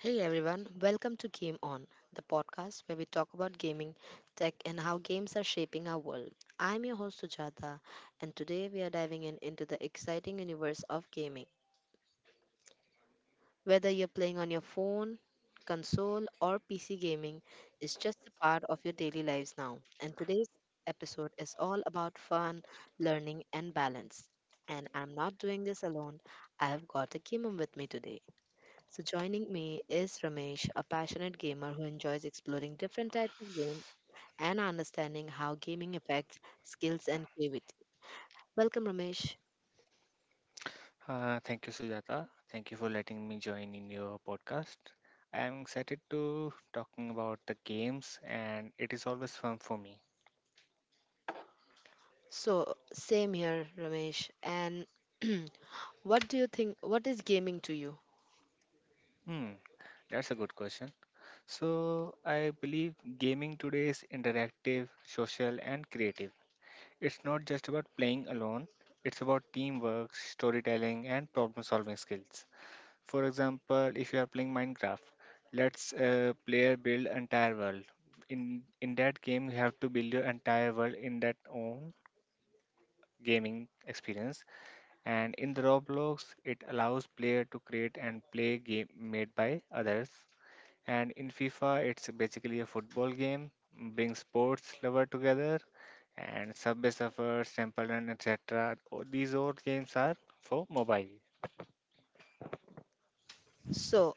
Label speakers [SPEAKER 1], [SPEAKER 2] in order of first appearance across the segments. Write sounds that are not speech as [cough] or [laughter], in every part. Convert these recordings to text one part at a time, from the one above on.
[SPEAKER 1] Hey everyone, welcome to Game On, the podcast where we talk about gaming, tech, and how games are shaping our world. I'm your host Sujata, and today we are diving in into the exciting universe of gaming. Whether you're playing on your phone, console, or PC gaming, is just a part of your daily lives now. And today's episode is all about fun, learning, and balance. And I'm not doing this alone. I have got a Kimum with me today. So, joining me is Ramesh, a passionate gamer who enjoys exploring different types of games and understanding how gaming affects skills and creativity. Welcome, Ramesh.
[SPEAKER 2] Thank you, Sujata. Thank you for letting me join in your podcast. I am excited to talking about the games, and it is always fun for me.
[SPEAKER 1] So, same here, Ramesh. And [clears throat] what do you think? What is gaming to you?
[SPEAKER 2] Hmm, that's a good question. So I believe gaming today is interactive, social, and creative. It's not just about playing alone. It's about teamwork, storytelling, and problem-solving skills. For example, if you are playing Minecraft, let's player build entire world. In that game, you have to build your entire world in that own gaming experience. And in the Roblox, it allows player to create and play game made by others. And in FIFA, it's basically a football game, bring sports lover together, and Subway Surfers, Temple Run, etc. These all games are for mobile.
[SPEAKER 1] So,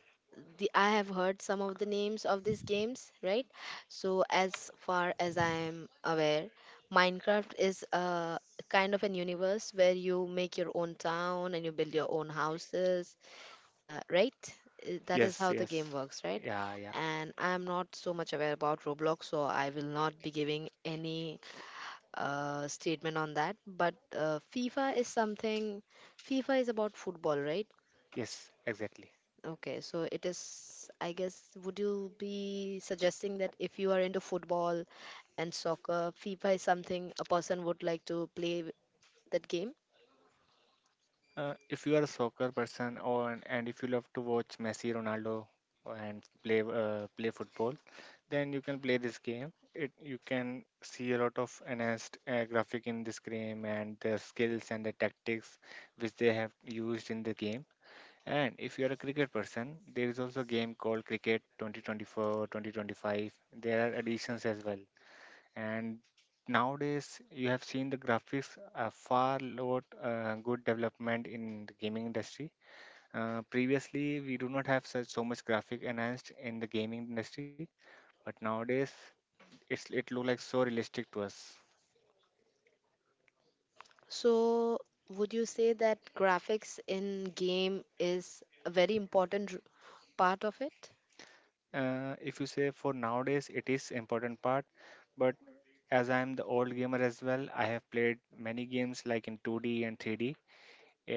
[SPEAKER 1] I have heard some of the names of these games, right? So, as far as I am aware, Minecraft is a kind of an universe where you make your own town and you build your own houses right? That is
[SPEAKER 2] Yes,
[SPEAKER 1] how the
[SPEAKER 2] yes.
[SPEAKER 1] game works, right?
[SPEAKER 2] Yeah, yeah.
[SPEAKER 1] And I'm not so much aware about Roblox, so I will not be giving any statement on that. But FIFA is about football, right?
[SPEAKER 2] Yes, exactly.
[SPEAKER 1] Okay, so it is, I guess, would you be suggesting that if you are into football and soccer, FIFA is something a person would like to that game?
[SPEAKER 2] If you are a soccer person or and if you love to watch Messi, Ronaldo, and play football, then you can play this game. It you can see a lot of enhanced graphic in this game and the skills and the tactics which they have used in the game. And if you are a cricket person, there is also a game called Cricket 2024, 2025. There are additions as well. And nowadays you have seen the graphics are far lot good development in the gaming industry. Previously we do not have such so much graphic enhanced in the gaming industry, but nowadays it look like so realistic to us.
[SPEAKER 1] So, would you say that graphics in game is a very important part of it?
[SPEAKER 2] If you say for nowadays it is important part, but as I am the old gamer as well, I have played many games like in 2D and 3D,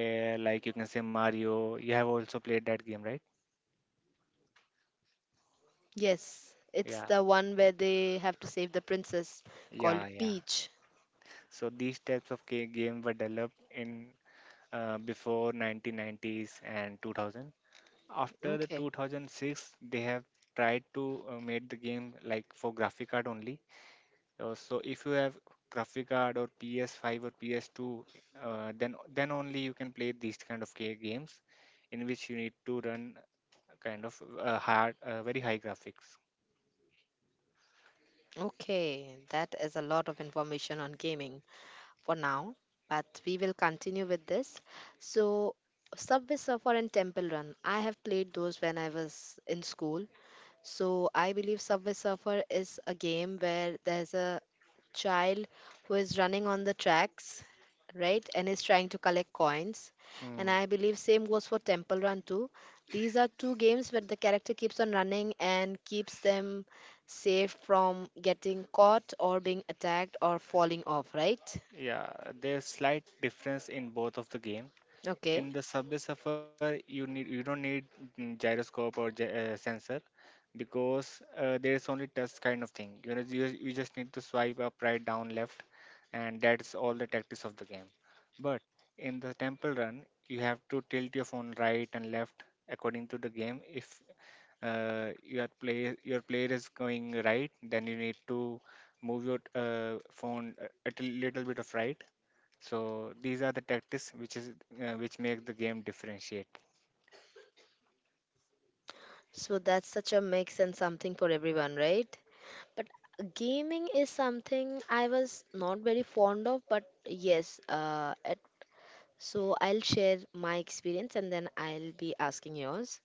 [SPEAKER 2] like you can say Mario, you have also played that game, right?
[SPEAKER 1] Yes, it's
[SPEAKER 2] Yeah,
[SPEAKER 1] the one where they have to save the princess called
[SPEAKER 2] yeah, yeah.
[SPEAKER 1] Peach.
[SPEAKER 2] So these types of game were developed in, before 1990s and 2000. After the
[SPEAKER 1] Okay,
[SPEAKER 2] 2006, they have tried to make the game like for graphic card only. So if you have graphic card or PS5 or PS2, then only you can play these kind of games, in which you need to run kind of hard, very high graphics.
[SPEAKER 1] okay, that is a lot of information on gaming for now, but we will continue with this. So, Subway Surfer and Temple Run, I have played those when I was in school. So I believe Subway Surfer is a game where there's a child who is running on the tracks, right, and is trying to collect coins. And
[SPEAKER 2] Hmm.
[SPEAKER 1] I believe same goes for Temple Run too. These are two games where the character keeps on running and keeps them safe from getting caught or being attacked or falling off, right?
[SPEAKER 2] Yeah, there's slight difference in both of the game.
[SPEAKER 1] Okay.
[SPEAKER 2] In the subway suffer, you don't need, gyroscope or sensor, because there's only touch kind of thing, you just need to swipe up, right, down, left, and that's all the tactics of the game. But in the temple run, you have to tilt your phone right and left according to the game. If your player is going right, then you need to move your phone a little bit of right. So these are the tactics which is which make the game differentiate.
[SPEAKER 1] So that's such a mix and something for everyone, right? But gaming is something I was not very fond of, but yes, so I'll share my experience and then I'll be asking yours,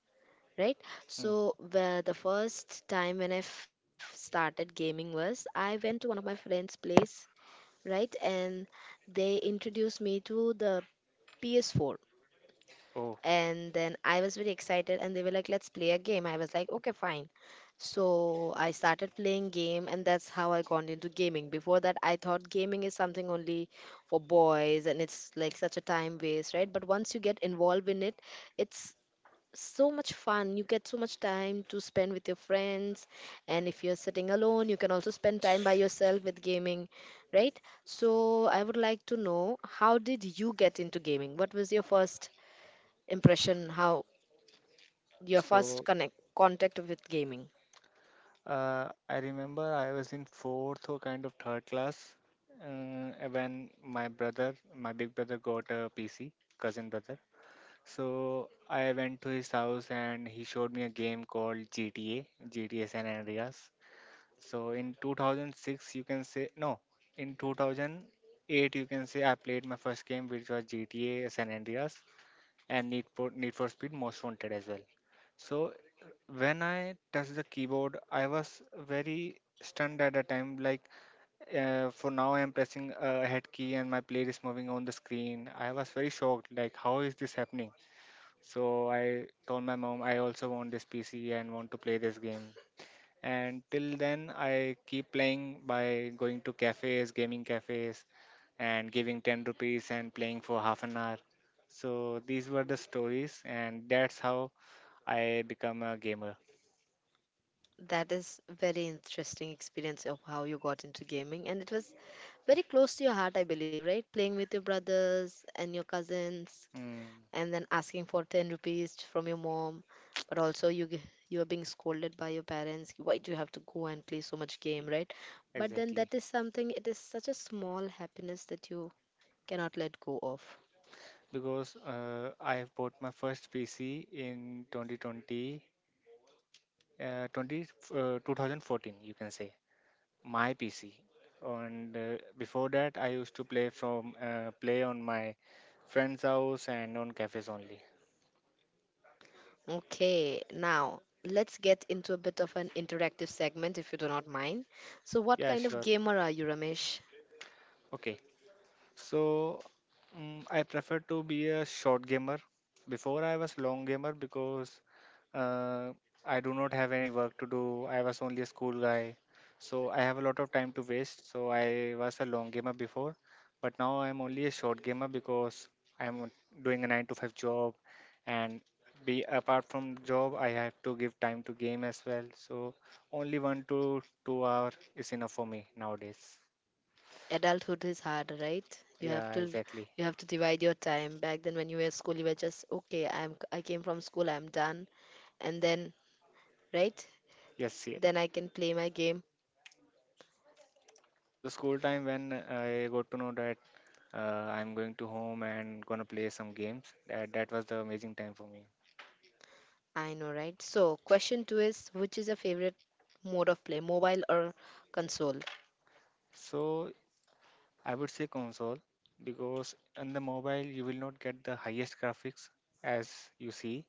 [SPEAKER 1] right?
[SPEAKER 2] Mm.
[SPEAKER 1] So the first time when started gaming was I went to one of my friend's place, right? And they introduced me to the PS4,
[SPEAKER 2] Oh,
[SPEAKER 1] and then I was very excited and they were like, let's play a game. I was like, okay, fine. So I started playing game and that's how I got into gaming. Before that I thought gaming is something only for boys and it's like such a time waste, right? But once you get involved in it, it's so much fun. You get so much time to spend with your friends, and if you're sitting alone, you can also spend time by yourself with gaming, right? So I would like to know, how did you get into gaming? What was your first impression? How your first
[SPEAKER 2] so
[SPEAKER 1] connect contact with gaming?
[SPEAKER 2] I remember I was in fourth or kind of third class, when my brother, my big brother, got a PC, cousin brother. So I went to his house and he showed me a game called GTA San Andreas. So in 2006, you can say no, in 2008, you can say I played my first game, which was GTA San Andreas and Need for Speed Most Wanted as well. So when I touched the keyboard, I was very stunned at the time. Like, for now, I am pressing a head key and my player is moving on the screen. I was very shocked. Like, how is this happening? So I told my mom I also want this PC and want to play this game. And till then, I keep playing by going to cafes, gaming cafes, and giving 10 rupees and playing for half an hour. So these were the stories, and that's how I become a gamer.
[SPEAKER 1] That is very interesting experience of how you got into gaming, and it was very close to your heart, I believe, right? Playing with your brothers and your cousins
[SPEAKER 2] Mm,
[SPEAKER 1] and then asking for 10 rupees from your mom. But also you are being scolded by your parents, why do you have to go and play so much game,
[SPEAKER 2] e-
[SPEAKER 1] right? But then
[SPEAKER 2] exactly.
[SPEAKER 1] that is something, it is such a small happiness that you cannot let go of.
[SPEAKER 2] Because I have bought my first PC in 2020, 20, 2014, you can say, my PC. And before that, I used to play from play on my friend's house and on cafes only.
[SPEAKER 1] Okay, now let's get into a bit of an interactive segment if you do not mind. So what
[SPEAKER 2] Yeah,
[SPEAKER 1] kind
[SPEAKER 2] sure.
[SPEAKER 1] of gamer are you, Ramesh?
[SPEAKER 2] Okay. So I prefer to be a short gamer. Before I was long gamer because uh, I do not have any work to do. I was only a school guy, so I have a lot of time to waste. So I was a long gamer before, but now I'm only a short gamer because I'm doing a nine to five job, and be apart from job, I have to give time to game as well. So only 1 to 2 hour is enough for me nowadays.
[SPEAKER 1] Adulthood is hard, right?
[SPEAKER 2] Yeah, exactly.
[SPEAKER 1] You have to divide your time. Back then when you were at school, you were just okay, I came from school, I'm done. And then, right?
[SPEAKER 2] Yes.
[SPEAKER 1] Then I can play my game.
[SPEAKER 2] On the school time, when I got to know that uh, I'm going to home and gonna play some games, that was the amazing time for me.
[SPEAKER 1] I know, right? So question two is, which is your favorite mode of play, mobile or console?
[SPEAKER 2] So I would say console because on the mobile you will not get the highest graphics as you see,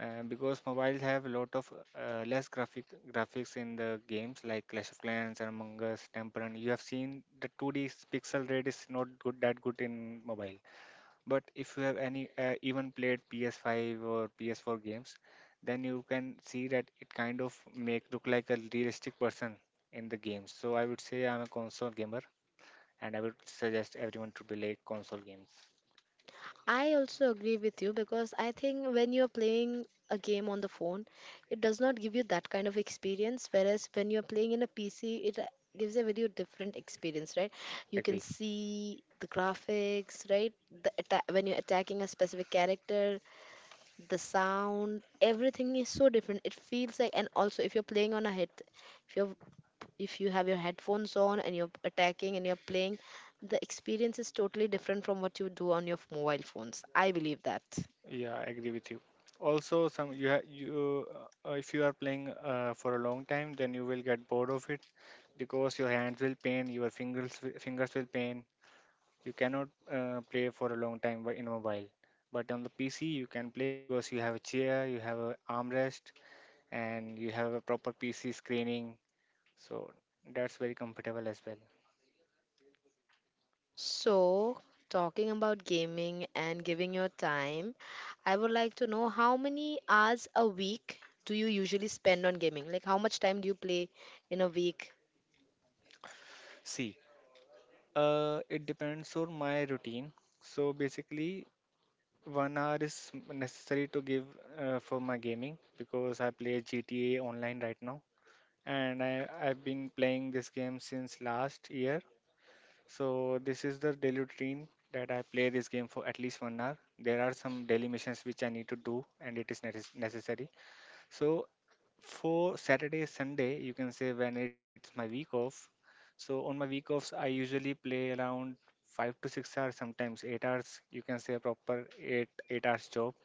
[SPEAKER 2] because mobiles have a lot of less graphics in the games like Clash of Clans and Among Us, Temple Run. You have seen the 2D pixel rate is not good that good in mobile. But if you have any even played PS5 or PS4 games, then you can see that it kind of make look like a realistic person in the games. So I would say I'm a console gamer, and I would suggest everyone to play console games.
[SPEAKER 1] I also agree with you because I think when you're playing a game on the phone, it does not give you that kind of experience. Whereas when you're playing in a PC, it gives a very different experience, right? You can
[SPEAKER 2] Agree.
[SPEAKER 1] see the graphics, right? When you're attacking a specific character, the sound, everything is so different. It feels like, and also if you're playing on a head, if you're if you have your headphones on and you're attacking and you're playing, the experience is totally different from what you do on your mobile phones. I believe that.
[SPEAKER 2] Yeah, I agree with you. Also, some you ha- you if you are playing for a long time, then you will get bored of it because your hands will pain, your fingers will pain. You cannot play for a long time in mobile, but on the PC you can play because you have a chair, you have a armrest, and you have a proper PC screening. So that's very comfortable as well.
[SPEAKER 1] So, talking about gaming and giving your time, I would like to know, how many hours a week do you usually spend on gaming? Like, how much time do you play in a week?
[SPEAKER 2] See, it depends on my routine. So basically, 1 hour is necessary to give for my gaming because I play GTA online right now, and I've been playing this game since last year. So this is the daily routine that I play this game for at least 1 hour. There are some daily missions which I need to do, and it is necessary. So for Saturday, Sunday, you can say, when it's my week off. So on my week offs, I usually play around 5 to 6 hours, sometimes 8 hours. You can say a proper eight hours job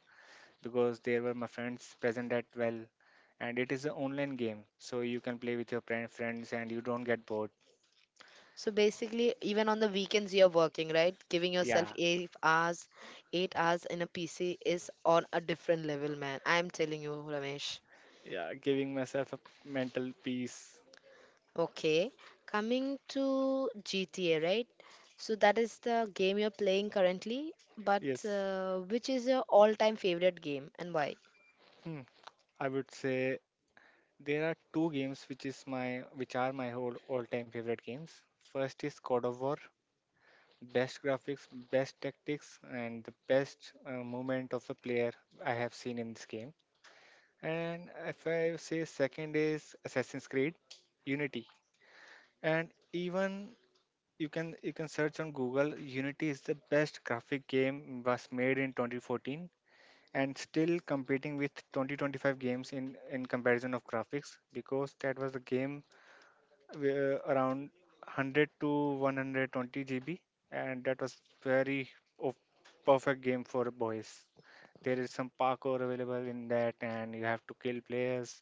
[SPEAKER 2] because there were my friends present at well, and it is an online game, so you can play with your friends and you don't get bored.
[SPEAKER 1] So basically, even on the weekends, you're working, right? Giving yourself
[SPEAKER 2] Yeah.
[SPEAKER 1] 8 hours, 8 hours in a PC is on a different level, man. I'm telling you, Ramesh.
[SPEAKER 2] Yeah, giving myself a mental peace.
[SPEAKER 1] Okay, coming to GTA, right? So that is the game you're playing currently, but
[SPEAKER 2] Yes.
[SPEAKER 1] which is your all-time favorite game and why?
[SPEAKER 2] Hmm. I would say there are two games which are my whole all-time favorite games. First is God of War, best graphics, best tactics, and the best movement of the player I have seen in this game. And if I say second is Assassin's Creed Unity, and even you can search on Google. Unity is the best graphic game was made in 2014 and still competing with 2025 games in comparison of graphics because that was the game where around 100 to 120 GB and that was very of perfect game for boys. There is some parkour available in that and you have to kill players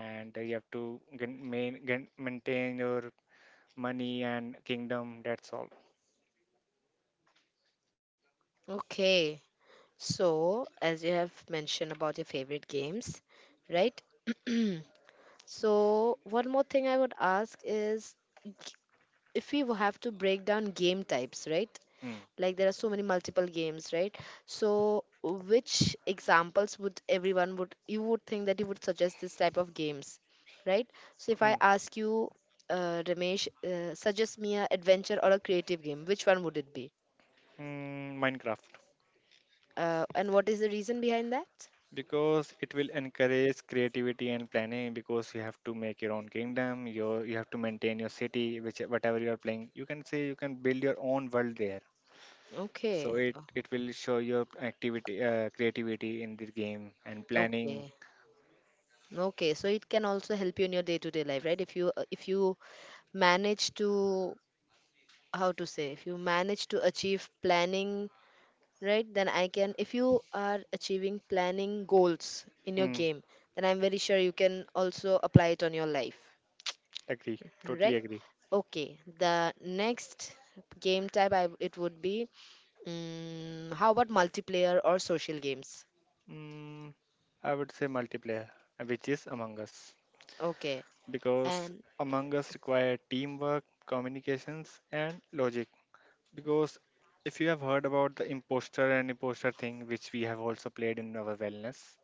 [SPEAKER 2] and you have to maintain your money and kingdom, that's all.
[SPEAKER 1] Okay, so as you have mentioned about your favorite games, right? [clears throat] So one more thing I would ask is, if we have to break down game types, right?
[SPEAKER 2] Mm.
[SPEAKER 1] Like there are so many multiple games, right? So which examples would everyone would you would think that you would suggest this type of games, right? So if I
[SPEAKER 2] Mm.
[SPEAKER 1] ask you, Ramesh, suggest me a adventure or a creative game, which one would it be?
[SPEAKER 2] Mm. Minecraft.
[SPEAKER 1] And what is the reason behind that?
[SPEAKER 2] Because it will encourage creativity and planning because you have to make your own kingdom, you have to maintain your city, which whatever you are playing, you can say, you can build your own world there. So
[SPEAKER 1] Okay.
[SPEAKER 2] it
[SPEAKER 1] Oh,
[SPEAKER 2] it will show your activity creativity in the game and planning.
[SPEAKER 1] okay, okay, so it can also help you in your day to day life, right? If you manage to, how to say, if you manage to achieve planning, right? Then I can, if you are achieving planning goals in your
[SPEAKER 2] Hmm,
[SPEAKER 1] game, then I'm very sure you can also apply it on your life,
[SPEAKER 2] agree, totally
[SPEAKER 1] right?
[SPEAKER 2] agree.
[SPEAKER 1] Okay, the next game type, it would be, mm how about multiplayer or social games?
[SPEAKER 2] mm, I would say multiplayer, which is Among Us.
[SPEAKER 1] Okay.
[SPEAKER 2] Because
[SPEAKER 1] And
[SPEAKER 2] Among Us require teamwork, communications, and logic. Because if you have heard about the imposter and imposter thing, which we have also played in our wellness,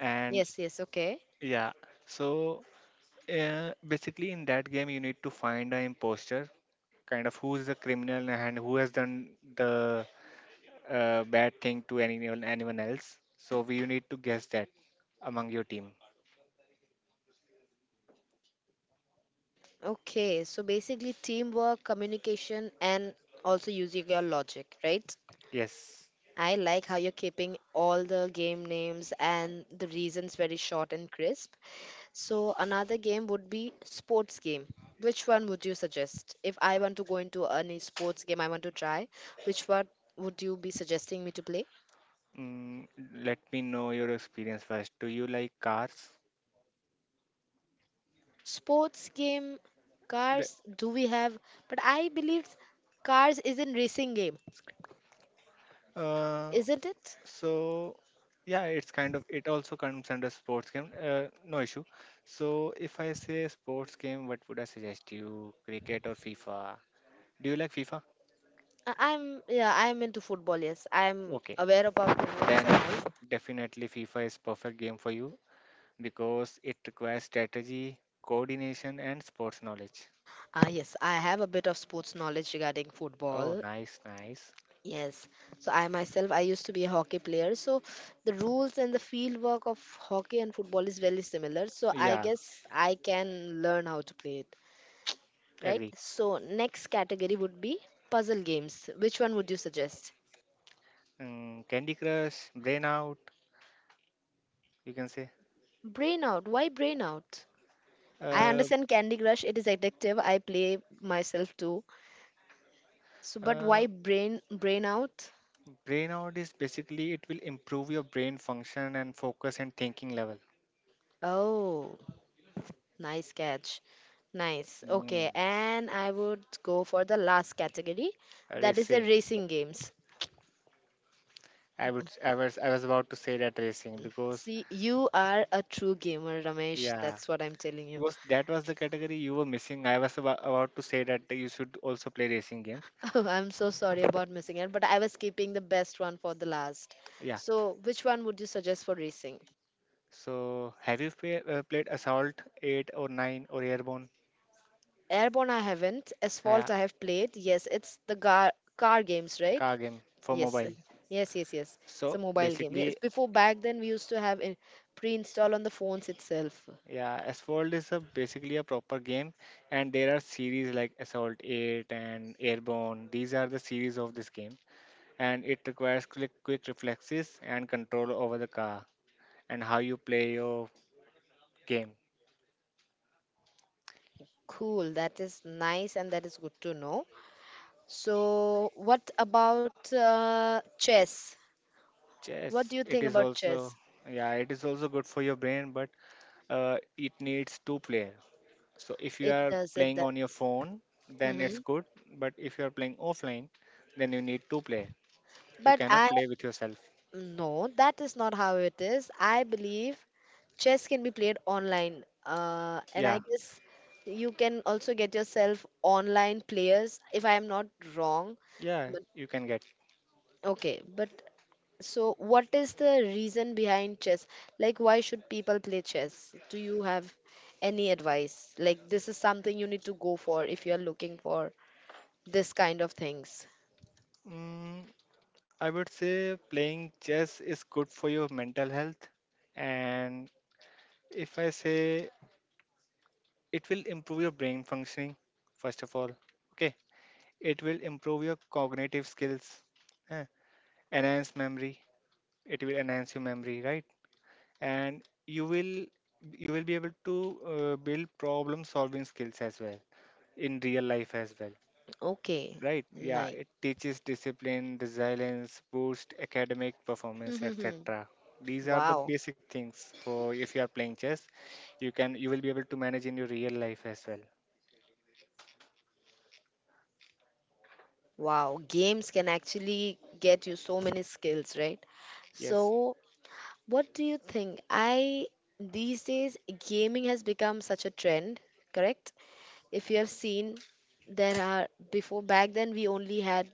[SPEAKER 2] and
[SPEAKER 1] yes, yes, okay.
[SPEAKER 2] yeah, so basically in that game you need to find an imposter, kind of who is the criminal and who has done the bad thing to anyone else. So we you need to guess that among your team.
[SPEAKER 1] Okay, so basically teamwork, communication, and also using your logic, right?
[SPEAKER 2] Yes.
[SPEAKER 1] I like how you're keeping all the game names and the reasons very short and crisp. So another game would be sports game. Which one would you suggest? If I want to go into any sports game I want to try, which one would you be suggesting me to play?
[SPEAKER 2] Mm, Let me know your experience first. Do you like cars?
[SPEAKER 1] Sports game,
[SPEAKER 2] Le-
[SPEAKER 1] cars do we have? But I believe cars is in racing game,
[SPEAKER 2] Uh,
[SPEAKER 1] isn't it?
[SPEAKER 2] So yeah, it's kind of it also comes under sports game. No issue. So if I say sports game, what would I suggest you? Cricket or FIFA? Do you like FIFA?
[SPEAKER 1] I'm, yeah, I'm into football, yes. I'm
[SPEAKER 2] Okay,
[SPEAKER 1] aware about the rules and
[SPEAKER 2] then
[SPEAKER 1] all.
[SPEAKER 2] definitely FIFA is perfect game for you because it requires strategy, coordination, and sports knowledge.
[SPEAKER 1] Ah yes, I have a bit of sports knowledge regarding
[SPEAKER 2] Oh,
[SPEAKER 1] football.
[SPEAKER 2] nice, nice.
[SPEAKER 1] Yes. So I myself, I used to be a hockey player. So the rules and the field work of hockey and football is very similar. So I
[SPEAKER 2] Yeah,
[SPEAKER 1] guess I can learn how to play it, right?
[SPEAKER 2] agree.
[SPEAKER 1] So next category would be puzzle games. Which one would you suggest?
[SPEAKER 2] Candy Crush, Brain Out, you can say.
[SPEAKER 1] Brain out. Why brain out? I
[SPEAKER 2] Uh,
[SPEAKER 1] understand Candy Crush. It is addictive. I play myself too. So, but
[SPEAKER 2] uh,
[SPEAKER 1] why brain out?
[SPEAKER 2] Brainout is basically it will improve your brain function and focus and thinking level.
[SPEAKER 1] Oh. Nice catch. Nice.
[SPEAKER 2] Mm,
[SPEAKER 1] Okay, and I would go for the last category. That is the
[SPEAKER 2] Racing. Like,
[SPEAKER 1] racing games.
[SPEAKER 2] I was about to say that racing because,
[SPEAKER 1] See, you are a true gamer, Ramesh.
[SPEAKER 2] yeah,
[SPEAKER 1] That's what I'm telling you. [laughs]
[SPEAKER 2] because that was the category you were missing. I was about to say that you should also play racing games.
[SPEAKER 1] Oh, I'm so sorry about missing it, but I was keeping the best one for the last.
[SPEAKER 2] Yeah.
[SPEAKER 1] So, which one would you suggest for racing?
[SPEAKER 2] So have you played Assault 8 or 9 or Airborne?
[SPEAKER 1] Airborne, I haven't. Asphalt,
[SPEAKER 2] Yeah,
[SPEAKER 1] I have played. Yes, it's the car games, right?
[SPEAKER 2] car game for
[SPEAKER 1] Yes, uh,
[SPEAKER 2] mobile.
[SPEAKER 1] yes, it's a
[SPEAKER 2] So
[SPEAKER 1] mobile game.
[SPEAKER 2] basically,
[SPEAKER 1] Yes, before back then we used to have in pre-install on the phones itself.
[SPEAKER 2] yeah, Assault is a basically a proper game, and there are series like Assault 8 and Airborne. These are the series of this game, and it requires quick reflexes and control over the car and how you play your game.
[SPEAKER 1] Cool, that is nice and that is good to know. So, what about chess? What do
[SPEAKER 2] Chess,
[SPEAKER 1] you
[SPEAKER 2] it
[SPEAKER 1] think
[SPEAKER 2] is
[SPEAKER 1] about
[SPEAKER 2] also,
[SPEAKER 1] chess?
[SPEAKER 2] yeah, it is also good for your brain, but it needs two player. So if you
[SPEAKER 1] It
[SPEAKER 2] are
[SPEAKER 1] does, it
[SPEAKER 2] playing
[SPEAKER 1] does.
[SPEAKER 2] on your phone, then it's
[SPEAKER 1] Hmm.
[SPEAKER 2] good, but if you are playing offline, then you need two player. You
[SPEAKER 1] But
[SPEAKER 2] cannot play with yourself.
[SPEAKER 1] no, that is not how it is. I believe chess can be played online. And I
[SPEAKER 2] Yeah,
[SPEAKER 1] guess you can also get yourself online players, if I am not wrong.
[SPEAKER 2] yeah,
[SPEAKER 1] But,
[SPEAKER 2] you can get.
[SPEAKER 1] okay, but so, what is the reason behind chess? Like, why should people play chess? Do you have any advice? Like, this is something you need to go for if you're looking for this kind of things.
[SPEAKER 2] Mm, I would say playing chess is good for your mental health, and if I say it will improve your brain functioning, first of all, okay, it will improve your cognitive skills, eh, enhance memory, it will enhance your memory, right? And you will you will be able to build problem solving skills as well, in real life as well,
[SPEAKER 1] Okay,
[SPEAKER 2] right. Yeah,
[SPEAKER 1] nice.
[SPEAKER 2] it teaches discipline, resilience, boost academic performance, etc.
[SPEAKER 1] [laughs]
[SPEAKER 2] These are the
[SPEAKER 1] Wow,
[SPEAKER 2] basic things for if you are playing chess, you can, you will be able to manage in your real life as well.
[SPEAKER 1] wow. Games can actually get you so many skills, right?
[SPEAKER 2] Yes.
[SPEAKER 1] So, what do you think? These days, gaming has become such a trend, correct? If you have seen, there are, before back then we only had,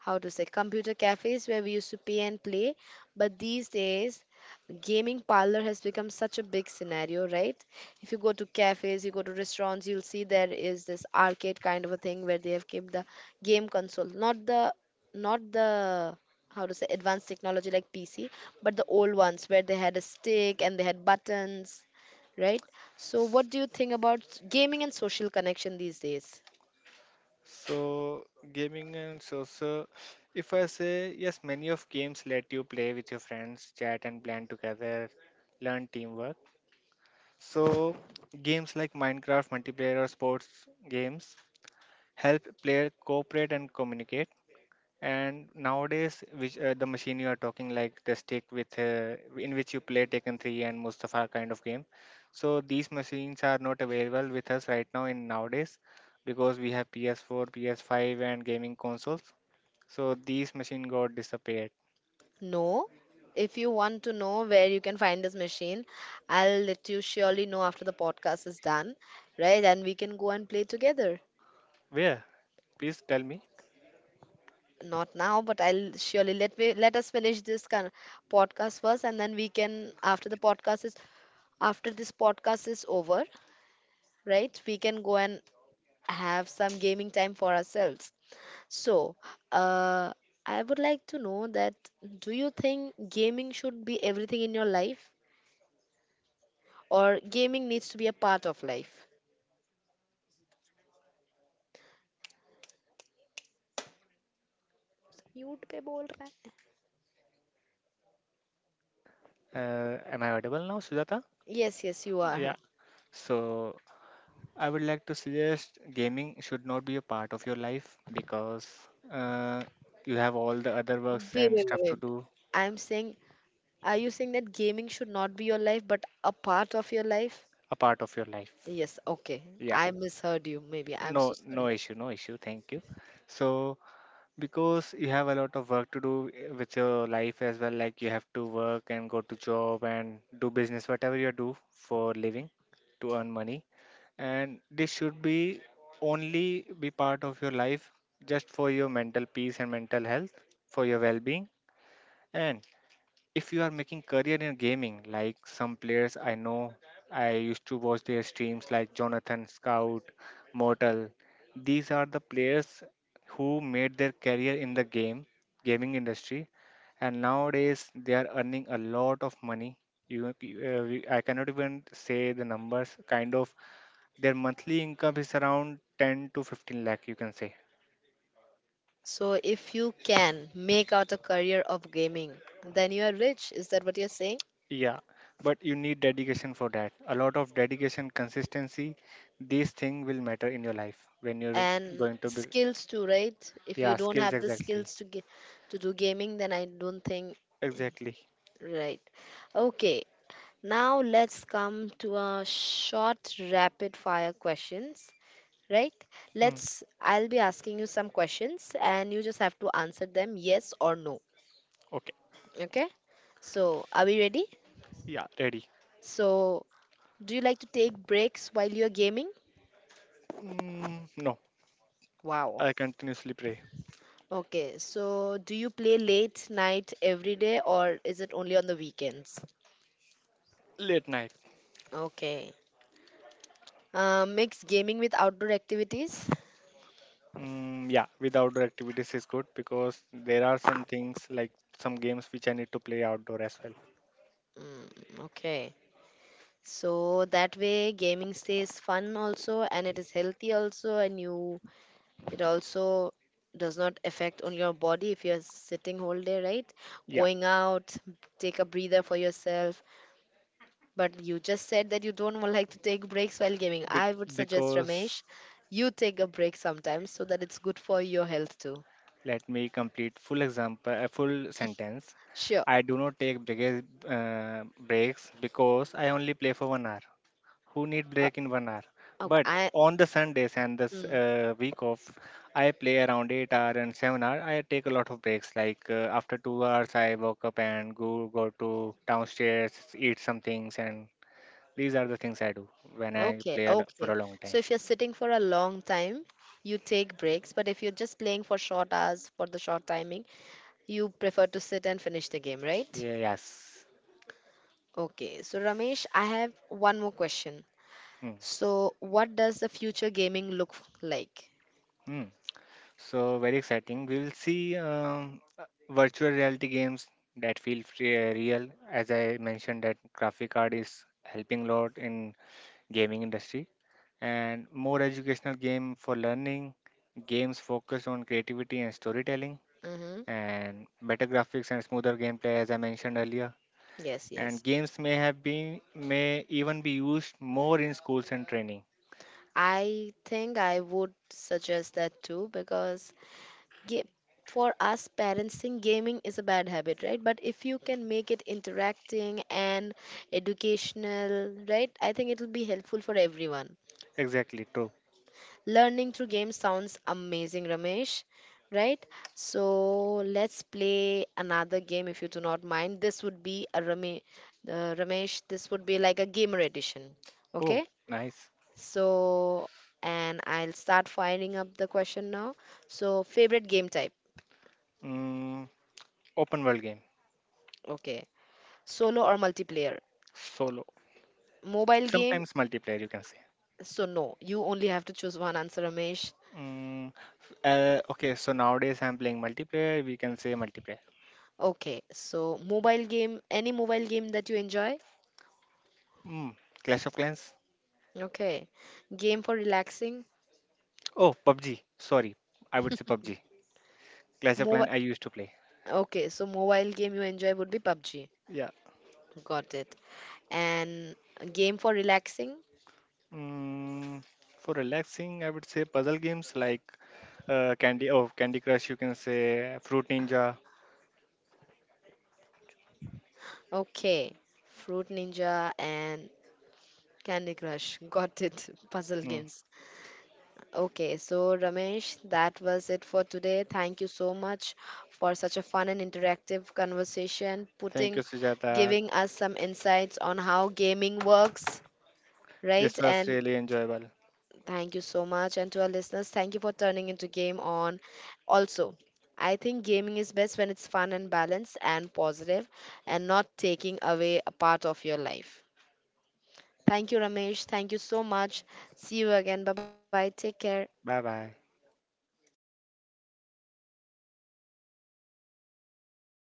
[SPEAKER 1] how to say, computer cafes where we used to pay and play, but these days gaming parlor has become such a big scenario, right? If you go to cafes, you go to restaurants, you'll see there is this arcade kind of a thing where they have kept the game console, not the not the how to say advanced technology like PC, but the old ones where they had a stick and they had buttons, right? So, what do you think about gaming and social connection these days?
[SPEAKER 2] So gaming and social, if I say, yes, many of games let you play with your friends, chat and plan together, learn teamwork. So games like Minecraft multiplayer or sports games help player cooperate and communicate. And nowadays, which the machine you are talking like the stick with in which you play Taken 3 and Mustafa kind of game. So these machines are not available with us right now in nowadays because we have PS4, PS5 and gaming consoles. So these machine got disappeared.
[SPEAKER 1] No. If you want to know where you can find this machine, I'll let you surely know after the podcast is done, right? And we can go and play together.
[SPEAKER 2] Where? Please tell me.
[SPEAKER 1] Not now, but I'll surely let us finish this kind of podcast first, and then we can after this podcast is over, right? We can go and have some gaming time for ourselves. So, uh, I would like to know that, do you think gaming should be everything in your life or gaming needs to be a part of life? Mute पे बोल रहा है.
[SPEAKER 2] Am I audible now, Sujata?
[SPEAKER 1] Yes, yes, you
[SPEAKER 2] Yeah.
[SPEAKER 1] are.
[SPEAKER 2] So I would like to suggest gaming should not be a part of your life because uh, you have all the other
[SPEAKER 1] Wait,
[SPEAKER 2] works
[SPEAKER 1] wait,
[SPEAKER 2] and
[SPEAKER 1] wait.
[SPEAKER 2] stuff to
[SPEAKER 1] wait.
[SPEAKER 2] do,
[SPEAKER 1] I'm saying, are you saying that gaming should not be your life but a part of your life?
[SPEAKER 2] a part of your life.
[SPEAKER 1] Yes, okay.
[SPEAKER 2] Yeah,
[SPEAKER 1] I misheard you. Maybe I'm
[SPEAKER 2] no,
[SPEAKER 1] so
[SPEAKER 2] no
[SPEAKER 1] sorry.
[SPEAKER 2] issue, no issue. Thank you. So, because you have a lot of work to do, with your life as well, like you have to work and go to job and do business, whatever you do for living to earn money. And this should be only be part of your life just for your mental peace and mental health, for your well being. And if you are making career in gaming, like some players I know, I used to watch their streams like Jonathan, Scout, Mortal. These are the players who made their career in the game gaming industry, and nowadays they are earning a lot of money. I cannot even say the numbers kind of. Their monthly income is around 10 to 15 lakh, you can say.
[SPEAKER 1] So, if you can make out a career of gaming, then you are rich. Is that what you're saying?
[SPEAKER 2] Yeah, but you need dedication for that. A lot of dedication, consistency. These things will matter in your life when you're
[SPEAKER 1] And
[SPEAKER 2] going to be.
[SPEAKER 1] skills too, right? If you
[SPEAKER 2] Yeah,
[SPEAKER 1] don't
[SPEAKER 2] skills
[SPEAKER 1] have the
[SPEAKER 2] exactly.
[SPEAKER 1] skills to get to do gaming, then I don't think,
[SPEAKER 2] Exactly.
[SPEAKER 1] right? Okay, now let's come to a short rapid fire questions, right?
[SPEAKER 2] Hmm.
[SPEAKER 1] Let's, I'll be asking you some questions and you just have to answer them yes or no.
[SPEAKER 2] Okay.
[SPEAKER 1] Okay, so are we ready?
[SPEAKER 2] Yeah, ready.
[SPEAKER 1] So, do you like to take breaks while you're gaming?
[SPEAKER 2] Mm, no,
[SPEAKER 1] Wow.
[SPEAKER 2] I continuously pray
[SPEAKER 1] Okay, so do you play late night every day or is it only on the weekends?
[SPEAKER 2] late night.
[SPEAKER 1] Okay. Mix gaming with outdoor activities?
[SPEAKER 2] Mm, yeah, with outdoor activities is good because there are some things like some games which I need to play outdoor as well.
[SPEAKER 1] Mm, okay. So that way gaming stays fun also and it is healthy also, and you, it also does not affect on your body if you're sitting whole day, right?
[SPEAKER 2] Yeah,
[SPEAKER 1] Going out, take a breather for yourself. But you just said that you don't like to take breaks while gaming.
[SPEAKER 2] be-
[SPEAKER 1] I would suggest,
[SPEAKER 2] because,
[SPEAKER 1] Ramesh, you take a break sometimes so that it's good for your health too.
[SPEAKER 2] let me complete full example, a full sentence.
[SPEAKER 1] Sure.
[SPEAKER 2] I do not take breaks because I only play for 1 hour. Who need
[SPEAKER 1] Uh,
[SPEAKER 2] break in 1 hour?
[SPEAKER 1] okay.
[SPEAKER 2] But
[SPEAKER 1] I,
[SPEAKER 2] on the Sundays and this
[SPEAKER 1] mm,
[SPEAKER 2] week off, I play around 8 hour and 7 hour. I take a lot of breaks. Like after 2 hours, I woke up and go to downstairs, eat some things, and these are the things I do when I
[SPEAKER 1] okay.
[SPEAKER 2] play for
[SPEAKER 1] Okay.
[SPEAKER 2] a long
[SPEAKER 1] So
[SPEAKER 2] time.
[SPEAKER 1] if you're sitting for a long time, you take breaks. But if you're just playing for short hours, for the short timing, you prefer to sit and finish the game, right?
[SPEAKER 2] Yeah, yes.
[SPEAKER 1] Okay. So, Ramesh, I have one more question.
[SPEAKER 2] Hmm.
[SPEAKER 1] So, what does the future gaming look like?
[SPEAKER 2] Hmm. So very exciting. We will see virtual reality games that feel real. As I mentioned, that graphic card is helping a lot in gaming industry, and more educational game for learning, games focused on creativity and storytelling,
[SPEAKER 1] Mm-hmm.
[SPEAKER 2] and better graphics and smoother gameplay, as I mentioned earlier.
[SPEAKER 1] Yes,
[SPEAKER 2] And
[SPEAKER 1] yes.
[SPEAKER 2] games may have been may even be used more in schools and training.
[SPEAKER 1] I think I would suggest that too, because ga- for us parents, think gaming is a bad habit, right? But if you can make it interacting and educational, right? I think it will be helpful for everyone.
[SPEAKER 2] Exactly true.
[SPEAKER 1] Learning through games sounds amazing, Ramesh, right? So let's play another game if you do not mind. This would be a Ramesh. This would be like a gamer edition.
[SPEAKER 2] Oh,
[SPEAKER 1] Okay,
[SPEAKER 2] nice.
[SPEAKER 1] so, and I'll start firing up the question now. So, favorite game type?
[SPEAKER 2] Mm, open world game.
[SPEAKER 1] Okay. Solo or multiplayer?
[SPEAKER 2] Solo.
[SPEAKER 1] Mobile game?
[SPEAKER 2] Sometimes multiplayer, you can say.
[SPEAKER 1] So, no. You only have to choose one answer, Ramesh.
[SPEAKER 2] Mm, okay, so nowadays I'm playing multiplayer. We can say multiplayer.
[SPEAKER 1] Okay. So, mobile game, any mobile game that you enjoy?
[SPEAKER 2] Mm, Clash of Clans.
[SPEAKER 1] Okay. Game for relaxing?
[SPEAKER 2] Oh, PUBG. Sorry, I would say PUBG. Clash of
[SPEAKER 1] Mobile.
[SPEAKER 2] Clans I used to play.
[SPEAKER 1] Okay. So, mobile game you enjoy would be PUBG.
[SPEAKER 2] Yeah.
[SPEAKER 1] Got it. And a game for relaxing?
[SPEAKER 2] Mm, for relaxing, I would say puzzle games like Candy Crush. You can say Fruit Ninja.
[SPEAKER 1] Okay. Fruit Ninja and Candy Crush. Got it. [laughs] Puzzle
[SPEAKER 2] Mm.
[SPEAKER 1] games. Okay, so Ramesh, that was it for today. Thank you so much for such a fun and interactive conversation,
[SPEAKER 2] Thank you,
[SPEAKER 1] putting
[SPEAKER 2] Sujata.
[SPEAKER 1] giving us some insights on how gaming works, right?
[SPEAKER 2] This was
[SPEAKER 1] And
[SPEAKER 2] really enjoyable.
[SPEAKER 1] thank you so much. And to our listeners, thank you for turning into Game On. Also, I think gaming is best when it's fun and balanced and positive and not taking away a part of your life. Thank you, Ramesh. Thank you so much. See you again. Bye bye. Take care.
[SPEAKER 2] Bye bye.